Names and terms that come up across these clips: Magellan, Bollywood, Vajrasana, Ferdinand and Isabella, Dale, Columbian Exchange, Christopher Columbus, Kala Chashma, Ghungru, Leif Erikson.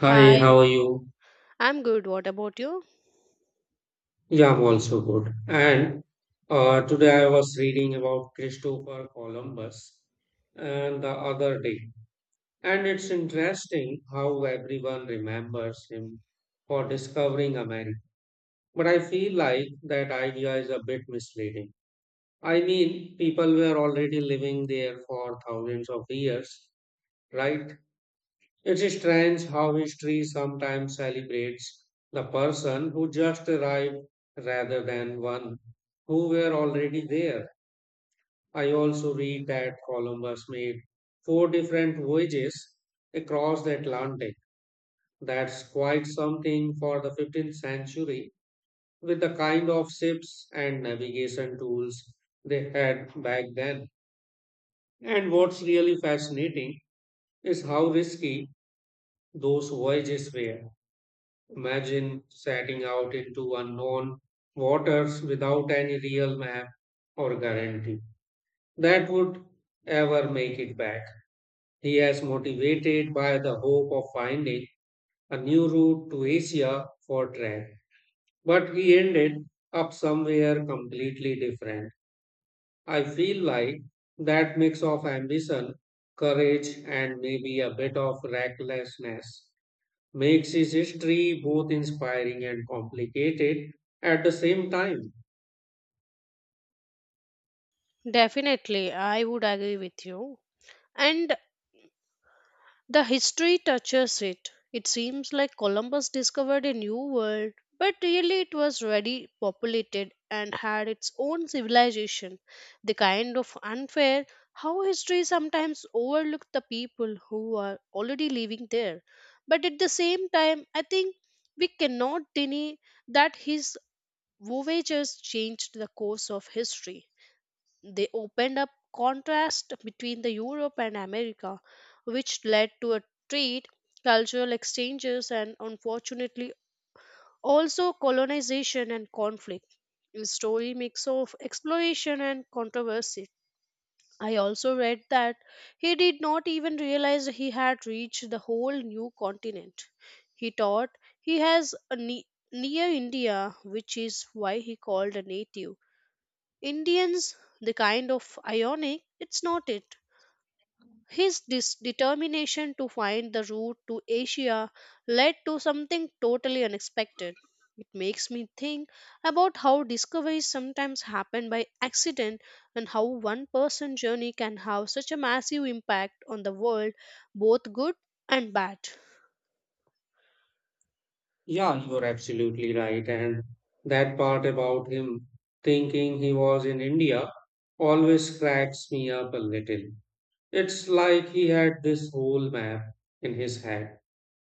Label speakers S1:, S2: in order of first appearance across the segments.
S1: Hi, how are you?
S2: I'm good. What about you?
S1: Yeah, I'm also good. And today I was reading about Christopher Columbus and the other day. And it's interesting how everyone remembers him for discovering America. But I feel like that idea is a bit misleading. I mean, people were already living there for thousands of years, right? It's strange how history sometimes celebrates the person who just arrived rather than one who were already there. I also read that Columbus made four different voyages across the Atlantic. That's quite something for the 15th century with the kind of ships and navigation tools they had back then. And what's really fascinating is how risky those voyages were. Imagine setting out into unknown waters without any real map or guarantee that would ever make it back. He is motivated by the hope of finding a new route to Asia for trade, but he ended up somewhere completely different. I feel like that mix of ambition, courage, and maybe a bit of recklessness makes his history both inspiring and complicated at the same time.
S2: Definitely, I would agree with you. And the history touches it. It seems like Columbus discovered a new world, but really it was already populated and had its own civilization. The kind of unfair how history sometimes overlooks the people who are already living there. But at the same time, I think we cannot deny that his voyages changed the course of history. They opened up contrast between the Europe and America, which led to a trade, cultural exchanges, and unfortunately also colonization and conflict. The story mix of exploration and controversy. I also read that he did not even realize he had reached the whole new continent. He thought he has a ne- near India, which is why he called a native. Indians, the kind of ionic, it's not it. His determination to find the route to Asia led to something totally unexpected. It makes me think about how discoveries sometimes happen by accident and how one person's journey can have such a massive impact on the world, both good and bad.
S1: Yeah, you're absolutely right. And that part about him thinking he was in India always cracks me up a little. It's like he had this whole map in his head,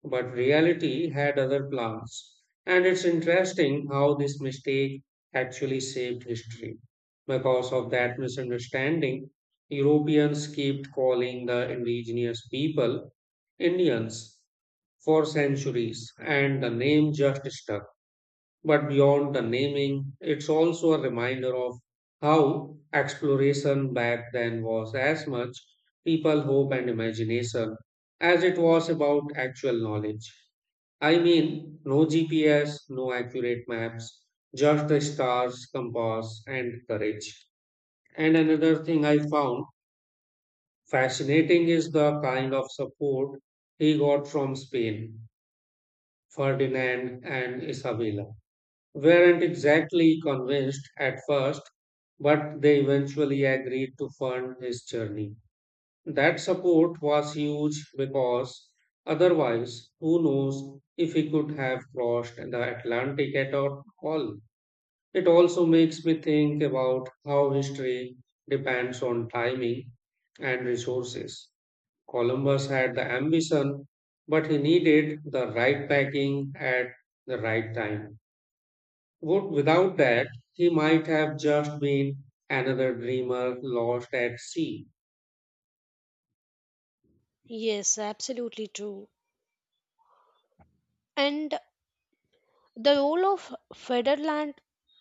S1: but reality had other plans. And it's interesting how this mistake actually shaped history. Because of that misunderstanding, Europeans kept calling the indigenous people Indians for centuries, and the name just stuck. But beyond the naming, it's also a reminder of how exploration back then was as much people hope and imagination as it was about actual knowledge. I mean, no GPS, no accurate maps, just the stars, compass, and courage. And another thing I found fascinating is the kind of support he got from Spain, Ferdinand and Isabella. Weren't exactly convinced at first, but they eventually agreed to fund his journey. That support was huge because otherwise, who knows if he could have crossed the Atlantic at all. It also makes me think about how history depends on timing and resources. Columbus had the ambition, but he needed the right backing at the right time. Without that, he might have just been another dreamer lost at sea.
S2: Yes, absolutely true. And the role of Federland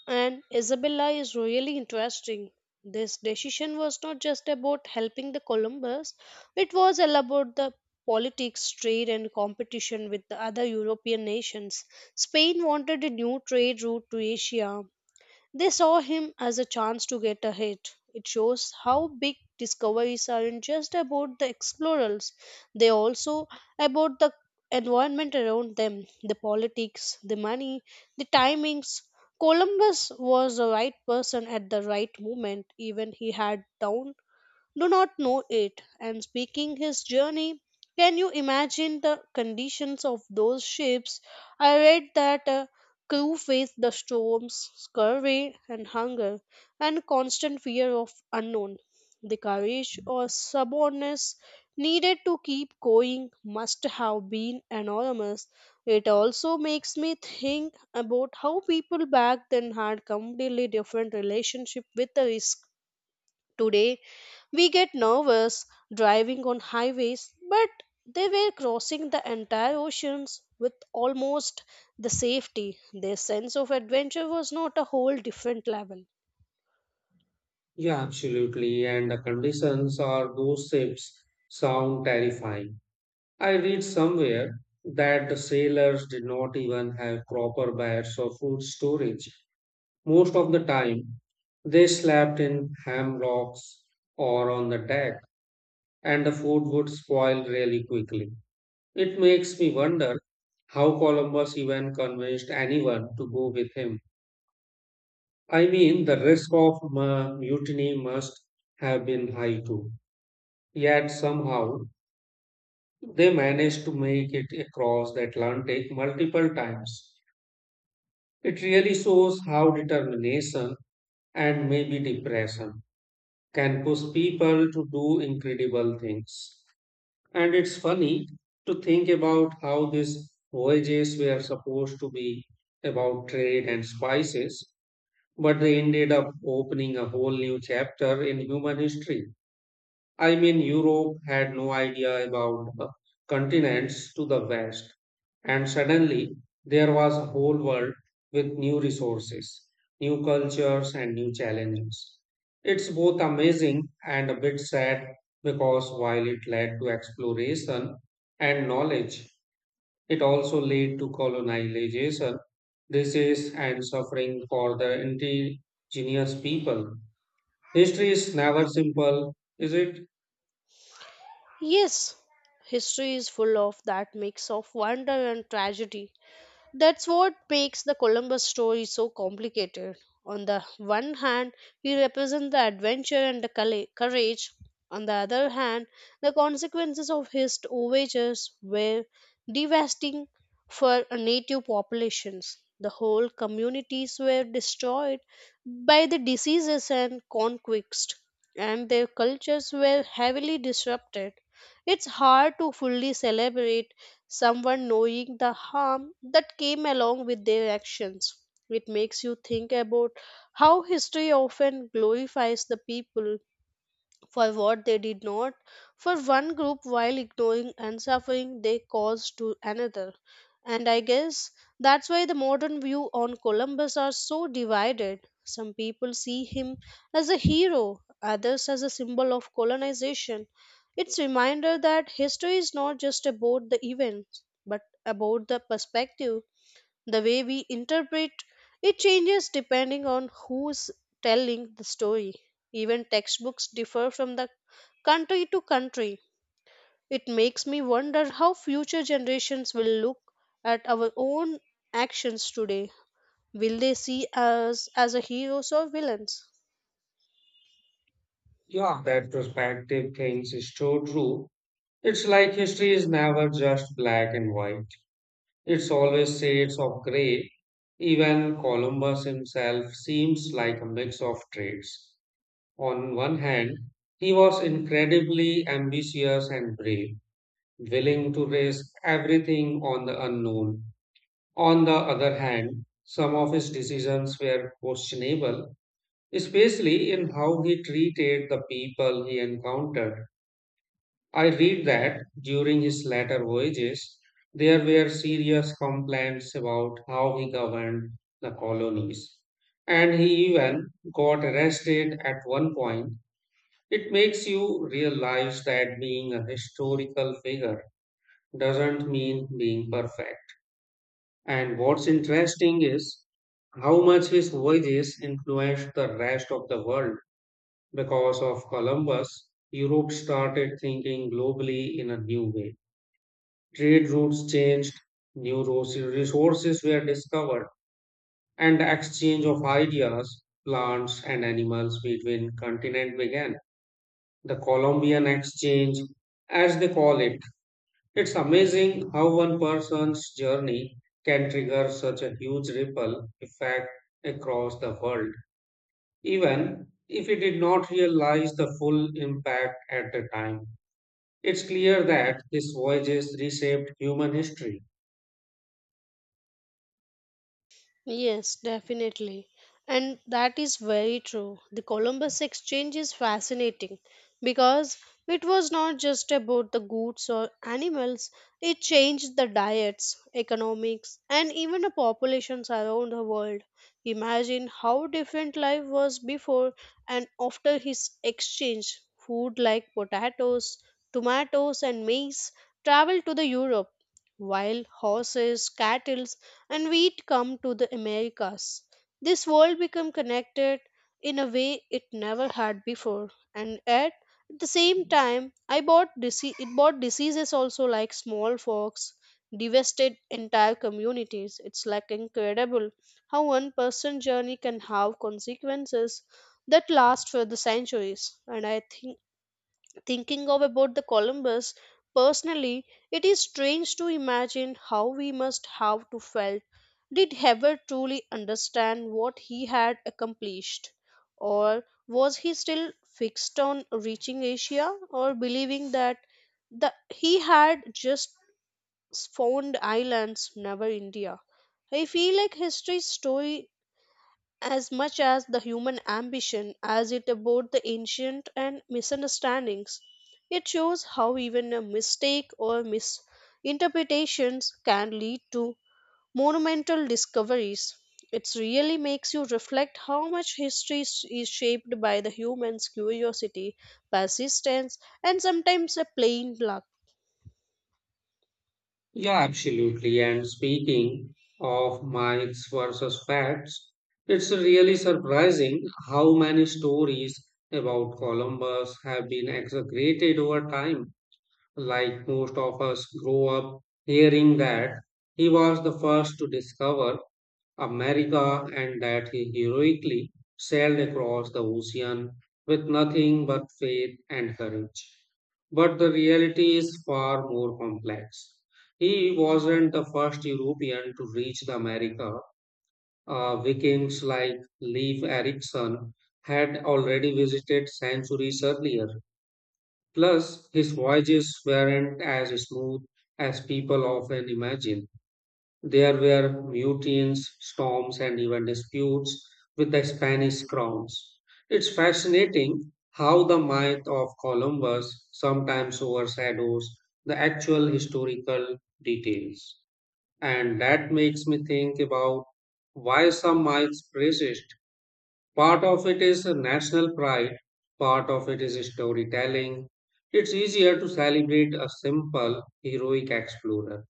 S2: and Isabella is really interesting. This decision was not just about helping the Columbus, it was all about the politics, trade, and competition with the other European nations. Spain wanted a new trade route to Asia, they saw him as a chance to get ahead. It shows how big discoveries aren't just about the explorers, they also about the environment around them, the politics, the money, the timings. Columbus was the right person at the right moment, even he had down do not know it and speaking his journey, can you imagine the conditions of those ships? I read that a crew faced the storms, scurvy, and hunger and constant fear of unknown. The courage or stubbornness needed to keep going must have been enormous. It also makes me think about how people back then had completely different relationship with the risk. Today, we get nervous driving on highways, but they were crossing the entire oceans with almost the safety. Their sense of adventure was not a whole different level.
S1: Yeah, absolutely. And the conditions or those ships sound terrifying. I read somewhere that the sailors did not even have proper beds or food storage. Most of the time, they slept in hammocks or on the deck, and the food would spoil really quickly. It makes me wonder how Columbus even convinced anyone to go with him. I mean, the risk of mutiny must have been high too. Yet somehow they managed to make it across the Atlantic multiple times. It really shows how determination and maybe depression can push people to do incredible things. And it's funny to think about how these voyages were supposed to be about trade and spices, but they ended up opening a whole new chapter in human history. I mean, Europe had no idea about the continents to the west, and suddenly there was a whole world with new resources, new cultures, and new challenges. It's both amazing and a bit sad because while it led to exploration and knowledge, it also led to colonization, disease, and suffering for the indigenous people. History is never simple, is it?
S2: Yes, history is full of that mix of wonder and tragedy. That's what makes the Columbus story so complicated. On the one hand, he represents the adventure and the courage. On the other hand, the consequences of his voyages were devastating for native populations. The whole communities were destroyed by the diseases and conquest, and their cultures were heavily disrupted. It's hard to fully celebrate someone knowing the harm that came along with their actions. It makes you think about how history often glorifies the people for what they did not for one group while ignoring and suffering they caused to another. And I guess that's why the modern view on Columbus are so divided. Some people see him as a hero, others as a symbol of colonization. It's a reminder that history is not just about the events, but about the perspective, the way we interpret it changes depending on who's telling the story. Even textbooks differ from the country to country. It makes me wonder how future generations will look at our own actions today. Will they see us as a heroes or villains?
S1: Yeah, that perspective things is so true. It's like history is never just black and white. It's always shades of gray. Even Columbus himself seems like a mix of traits. On one hand, he was incredibly ambitious and brave, willing to risk everything on the unknown. On the other hand, some of his decisions were questionable, especially in how he treated the people he encountered. I read that during his later voyages, there were serious complaints about how he governed the colonies, and he even got arrested at one point. It makes you realize that being a historical figure doesn't mean being perfect. And what's interesting is how much his voyages influenced the rest of the world. Because of Columbus, Europe started thinking globally in a new way. Trade routes changed, new resources were discovered, and the exchange of ideas, plants, and animals between continents began. The Columbian Exchange, as they call it, it's amazing how one person's journey can trigger such a huge ripple effect across the world, even if he did not realize the full impact at the time. It's clear that these voyages reshaped human history.
S2: Yes, definitely. And that is very true. The Columbus Exchange is fascinating because it was not just about the goods or animals, it changed the diets, economics, and even the populations around the world. Imagine how different life was before and after his exchange. Food like potatoes, tomatoes, and maize traveled to the Europe while horses, cattle, and wheat come to the Americas, this world became connected in a way it never had before. And at the same time, it bought diseases also like smallpox, devastated entire communities. It's like incredible how one person journey can have consequences that last for the centuries. And I think thinking of about the Columbus personally, it is strange to imagine how we must have to felt. Did Heber truly understand what he had accomplished? Or was he still fixed on reaching Asia or believing that the, he had just found islands, never India? I feel like history's story as much as the human ambition as it about the ancient and misunderstandings. It shows how even a mistake or misinterpretations can lead to monumental discoveries. It really makes you reflect how much history is shaped by the human's curiosity, persistence, and sometimes a plain luck.
S1: Yeah, absolutely. And speaking of myths versus facts, it's really surprising how many stories about Columbus have been exaggerated over time. Like most of us grow up hearing that he was the first to discover America and that he heroically sailed across the ocean with nothing but faith and courage. But the reality is far more complex. He wasn't the first European to reach the America. Vikings like Leif Erikson had already visited centuries earlier. Plus, his voyages weren't as smooth as people often imagine. There were mutines, storms, and even disputes with the Spanish crowns. It's fascinating how the myth of Columbus sometimes overshadows the actual historical details. And that makes me think about why some myths persist. Part of it is national pride, part of it is storytelling. It's easier to celebrate a simple, heroic explorer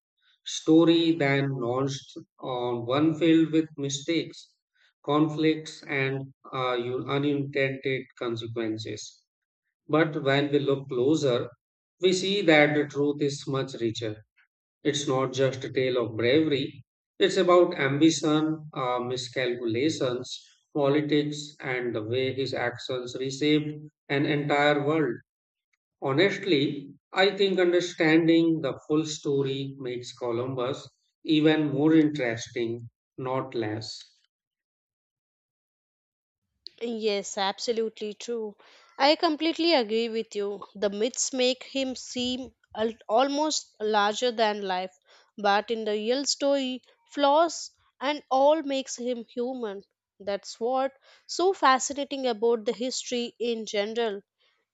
S1: story than launched on one filled with mistakes, conflicts, and unintended consequences. But when we look closer, we see that the truth is much richer. It's not just a tale of bravery, it's about ambition, miscalculations, politics, and the way his actions reshaped an entire world. Honestly, I think understanding the full story makes Columbus even more interesting, not less.
S2: Yes, absolutely true. I completely agree with you. The myths make him seem almost larger than life, but in the real story, flaws and all makes him human. That's what so fascinating about the history in general.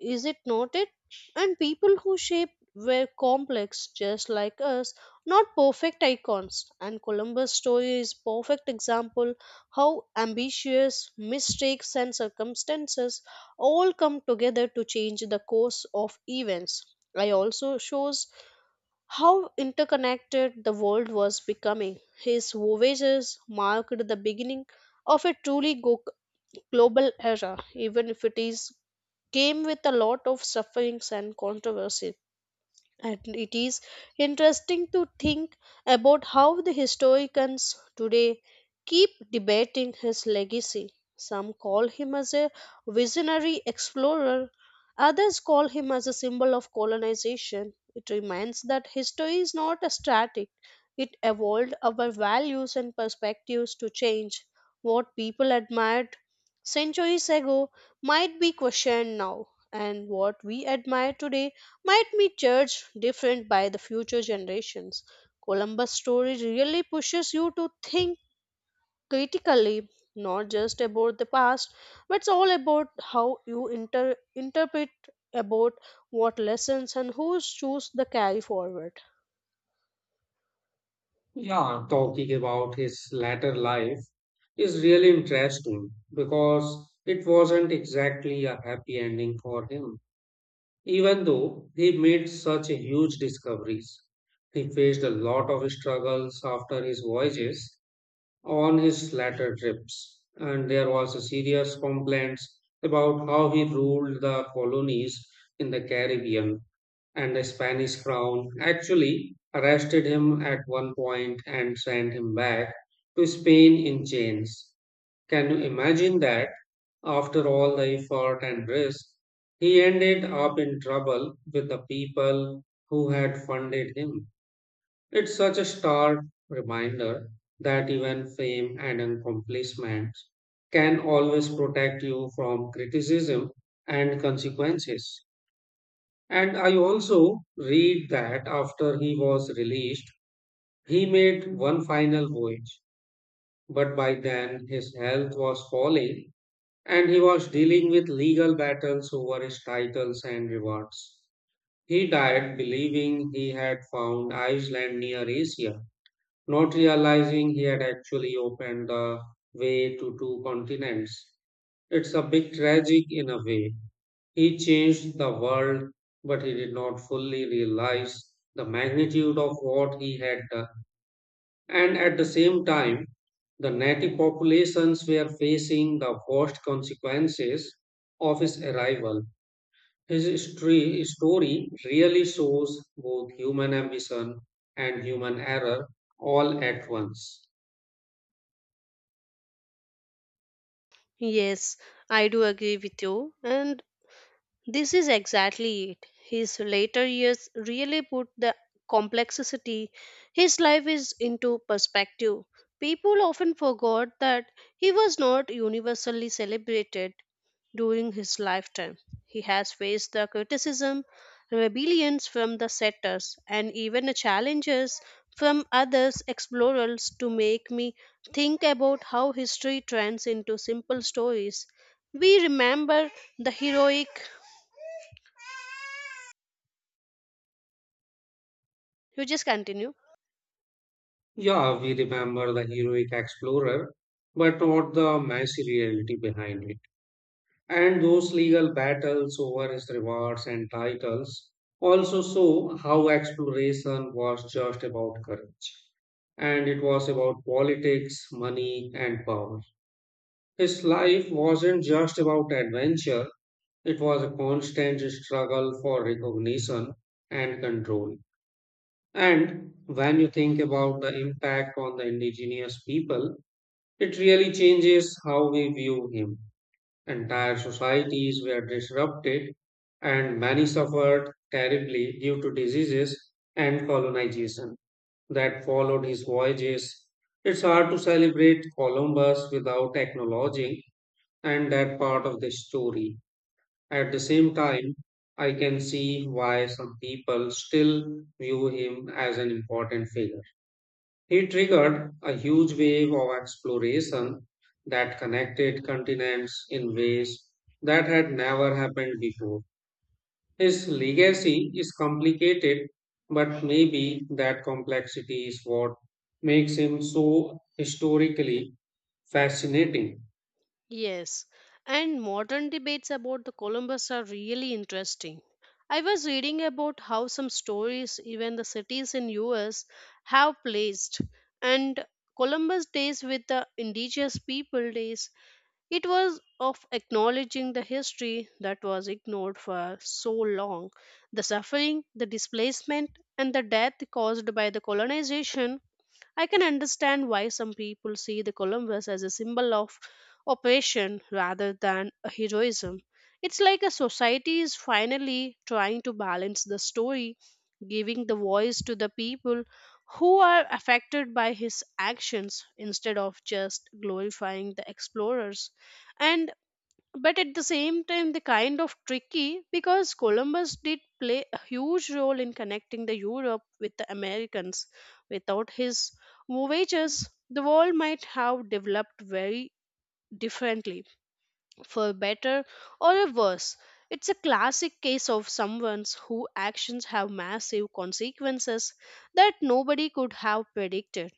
S2: Is it not it? And people who shaped were complex just like us, not perfect icons. And Columbus' story is perfect example how ambitious, mistakes, and circumstances all come together to change the course of events. I also shows how interconnected the world was becoming. His voyages marked the beginning of a truly global era, even if it is came with a lot of sufferings and controversy. And it is interesting to think about how the historians today keep debating his legacy. Some call him as a visionary explorer, others call him as a symbol of colonization. It reminds that history is not a static, it evolved our values and perspectives to change. What people admired centuries ago might be questioned now, and what we admire today might be judged different by the future generations. Columbus' story really pushes you to think critically, not just about the past, but it's all about how you interpret about what lessons and who choose the carry forward.
S1: Yeah, talking about his latter life is really interesting because it wasn't exactly a happy ending for him. Even though he made such huge discoveries, he faced a lot of struggles after his voyages on his latter trips, and there was a serious complaints about how he ruled the colonies in the Caribbean, and the Spanish crown actually arrested him at one point and sent him back to Spain in chains. Can you imagine that? After all the effort and risk, he ended up in trouble with the people who had funded him. It's such a stark reminder that even fame and accomplishments can always protect you from criticism and consequences. And I also read that after he was released, he made one final voyage, but by then his health was falling and he was dealing with legal battles over his titles and rewards. He died believing he had found Iceland near Asia, not realizing he had actually opened the way to two continents. It's a bit tragic in a way. He changed the world, but he did not fully realize the magnitude of what he had done. And at the same time, the native populations were facing the worst consequences of his arrival. His story really shows both human ambition and human error all at once.
S2: Yes, I do agree with you. And this is exactly it. His later years really put the complexity his life is into perspective. People often forgot that he was not universally celebrated during his lifetime. He has faced the criticism, rebellions from the setters, and even the challenges from others explorers to make me think about how history turns into simple stories. We remember the heroic. You just continue.
S1: Yeah, we remember the heroic explorer, but not the messy reality behind it. And those legal battles over his rewards and titles also show how exploration was just about courage, and it was about politics, money, and power. His life wasn't just about adventure, it was a constant struggle for recognition and control. And when you think about the impact on the indigenous people, it really changes how we view him. Entire societies were disrupted, and many suffered terribly due to diseases and colonization that followed his voyages. It's hard to celebrate Columbus without acknowledging and that part of the story. At the same time, I can see why some people still view him as an important figure. He triggered a huge wave of exploration that connected continents in ways that had never happened before. His legacy is complicated, but maybe that complexity is what makes him so historically fascinating.
S2: Yes, and modern debates about the Columbus are really interesting. I was reading about how some stories even the cities in US have placed and Columbus days with the indigenous people days, it was of acknowledging the history that was ignored for so long, the suffering, the displacement, and the death caused by the colonization. I can understand why some people see the Columbus as a symbol of oppression rather than a heroism. It's like a society is finally trying to balance the story, giving the voice to the people who are affected by his actions instead of just glorifying the explorers. And but at the same time they are kind of tricky because Columbus did play a huge role in connecting the Europe with the Americans without his voyages. The world might have developed very differently, for better or worse. It's a classic case of someone's who actions have massive consequences that nobody could have predicted.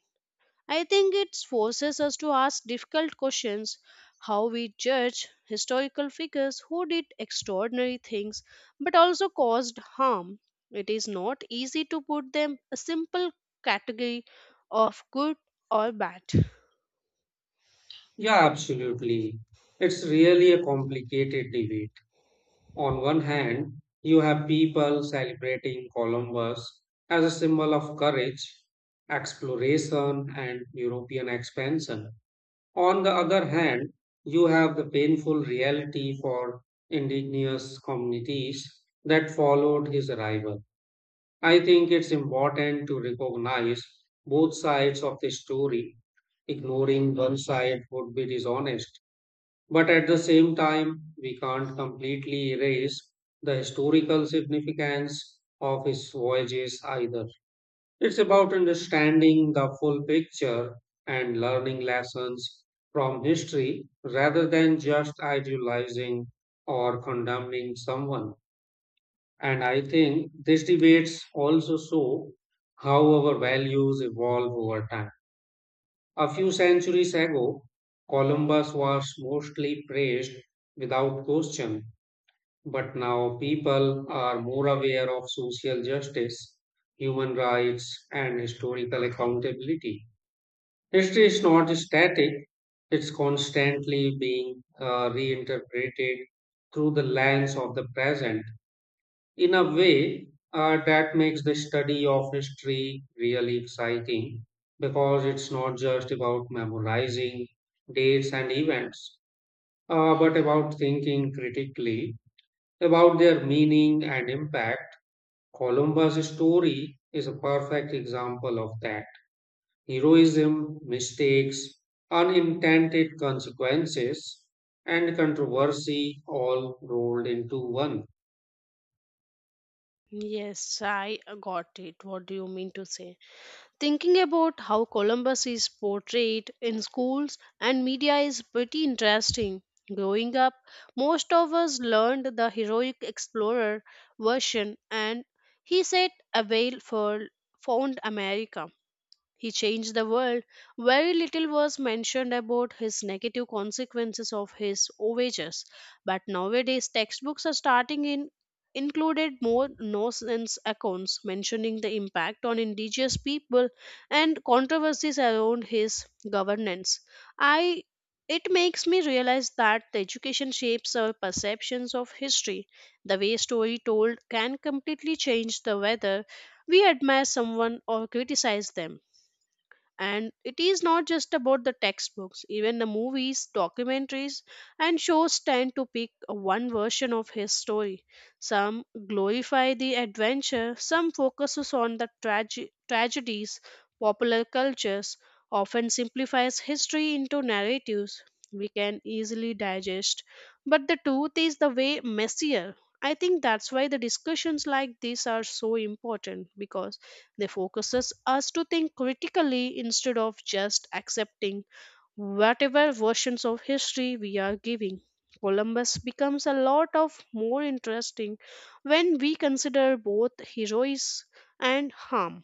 S2: I think it forces us to ask difficult questions how we judge historical figures who did extraordinary things but also caused harm. It is not easy to put them a simple category of good or bad.
S1: Yeah, absolutely. It's really a complicated debate. On one hand, you have people celebrating Columbus as a symbol of courage, exploration, and European expansion. On the other hand, you have the painful reality for indigenous communities that followed his arrival. I think it's important to recognize both sides of the story. Ignoring one side would be dishonest. But at the same time, we can't completely erase the historical significance of his voyages either. It's about understanding the full picture and learning lessons from history rather than just idealizing or condemning someone. And I think these debates also show how our values evolve over time. A few centuries ago, Columbus was mostly praised without question, but now people are more aware of social justice, human rights, and historical accountability. History is not static, it's constantly being reinterpreted through the lens of the present in a way that makes the study of history really exciting because it's not just about memorizing dates and events, but about thinking critically about their meaning and impact. Columbus' story is a perfect example of that. Heroism, mistakes, unintended consequences, and controversy all rolled into one.
S2: Yes, I got it. What do you mean to say? Thinking about how Columbus is portrayed in schools and media is pretty interesting. Growing up, most of us learned the heroic explorer version and he set a sailed for found America. He changed the world. Very little was mentioned about his negative consequences of his voyages, but nowadays textbooks are starting in included more nonsense accounts mentioning the impact on indigenous people and controversies around his governance. I it makes me realize that the education shapes our perceptions of history. The way story told can completely change the whether we admire someone or criticize them. And it is not just about the textbooks, even the movies, documentaries, and shows tend to pick one version of his story. Some glorify the adventure, some focuses on the tragedies. Popular cultures often simplifies history into narratives we can easily digest, but the truth is the way messier. I think that's why the discussions like this are so important because they focuses us to think critically instead of just accepting whatever versions of history we are giving. Columbus becomes a lot of more interesting when we consider both heroism and harm.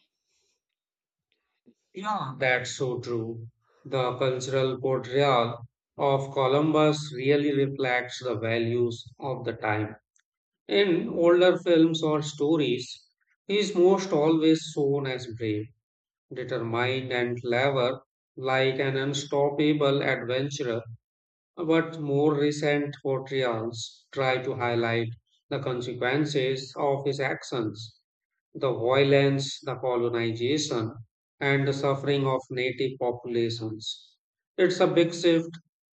S1: Yeah, that's so true. The cultural portrayal of Columbus really reflects the values of the time. In older films or stories, he is most always shown as brave determined and clever, like an unstoppable adventurer, but more recent portrayals try to highlight the consequences of his actions, the violence, the colonization, and the suffering of native populations. It's a big shift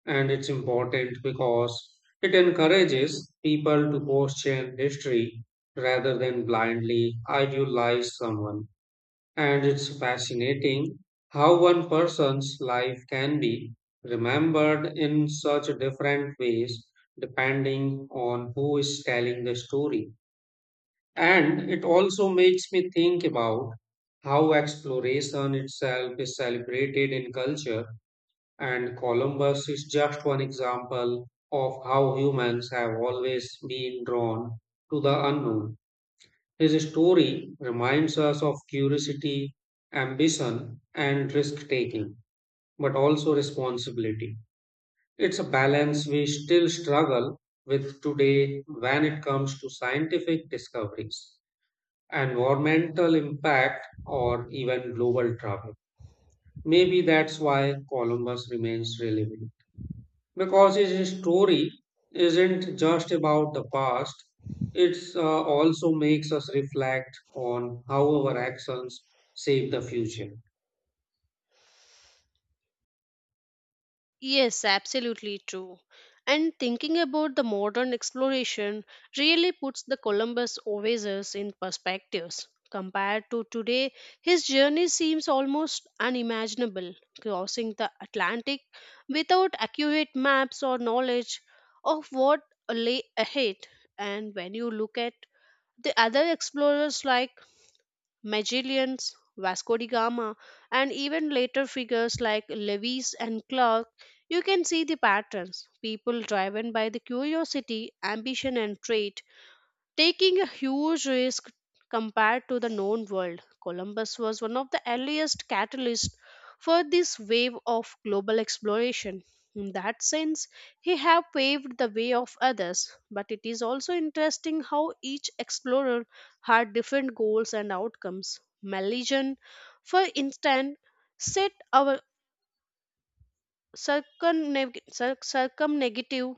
S1: and it's important because it encourages people to question history rather than blindly idealize someone. And it's fascinating how one person's life can be remembered in such different ways depending on who is telling the story. And it also makes me think about how exploration itself is celebrated in culture, and Columbus is just one example of how humans have always been drawn to the unknown. His story reminds us of curiosity, ambition, and risk taking, but also responsibility. It's a balance we still struggle with today when it comes to scientific discoveries, environmental impact, or even global travel. Maybe that's why Columbus remains relevant because his story isn't just about the past, it also makes us reflect on how our actions shape the future.
S2: Yes, absolutely true. And thinking about the modern exploration really puts the Columbus Oasis in perspectives. Compared to today, his journey seems almost unimaginable, crossing the Atlantic without accurate maps or knowledge of what lay ahead. And when you look at the other explorers like Magellans, Vasco da Gama, and even later figures like Lewis and Clark, you can see the patterns. People driven by the curiosity, ambition, and trade taking a huge risk compared to the known world. Columbus was one of the earliest catalysts for this wave of global exploration. In that sense, he have paved the way of others, but it is also interesting how each explorer had different goals and outcomes. Magellan, for instance, set our circumnavigative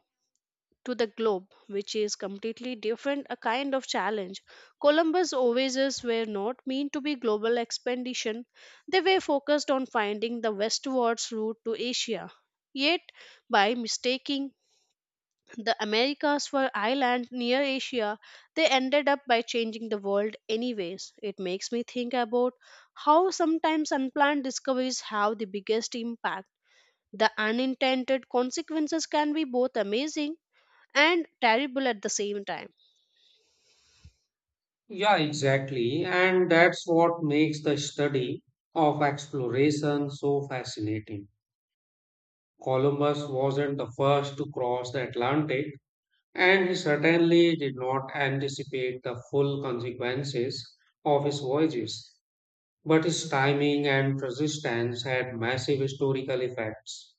S2: to the globe, which is completely different a kind of challenge. Columbus' voyages were not meant to be global expedition; they were focused on finding the westwards route to Asia. Yet, by mistaking the Americas for island near Asia, they ended up by changing the world anyways. It makes me think about how sometimes unplanned discoveries have the biggest impact. The unintended consequences can be both amazing and terrible at the same time.
S1: Yeah, exactly. And that's what makes the study of exploration so fascinating. Columbus wasn't the first to cross the Atlantic and he certainly did not anticipate the full consequences of his voyages, but his timing and persistence had massive historical effects.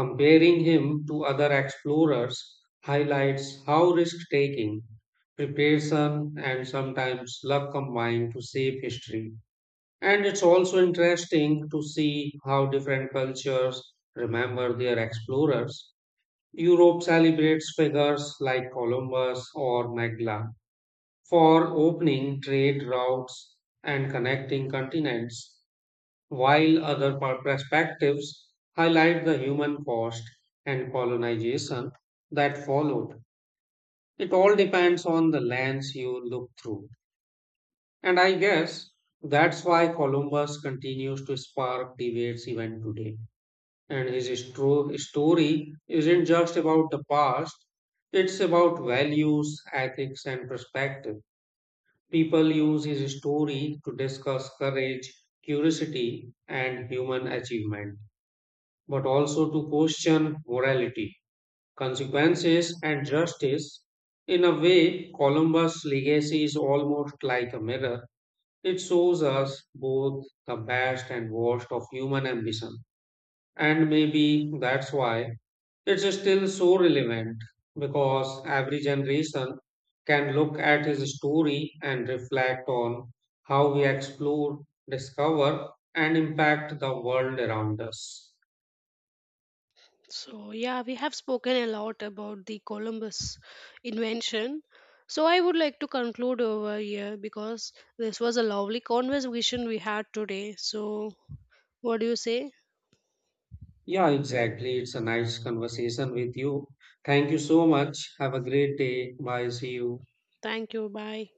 S1: Comparing him to other explorers highlights how risk taking, preparation, and sometimes luck combine to shape history. And it's also interesting to see how different cultures remember their explorers. Europe celebrates figures like Columbus or Magellan for opening trade routes and connecting continents while other perspectives highlight the human cost and colonization that followed. It all depends on the lens you look through. And I guess that's why Columbus continues to spark debates even today. And his story isn't just about the past, it's about values, ethics, and perspective. People use his story to discuss courage, curiosity, and human achievement, but also to question morality, consequences, and justice. In a way, Columbus' legacy is almost like a mirror. It shows us both the best and worst of human ambition. And maybe that's why it's still so relevant because every generation can look at his story and reflect on how we explore, discover, and impact the world around us.
S2: So, yeah, we have spoken a lot about the Columbus invention. So, I would like to conclude over here because this was a lovely conversation we had today. So, what do you say?
S1: Yeah, exactly. It's a nice conversation with you. Thank you so much. Have a great day. Bye. See you.
S2: Thank you. Bye.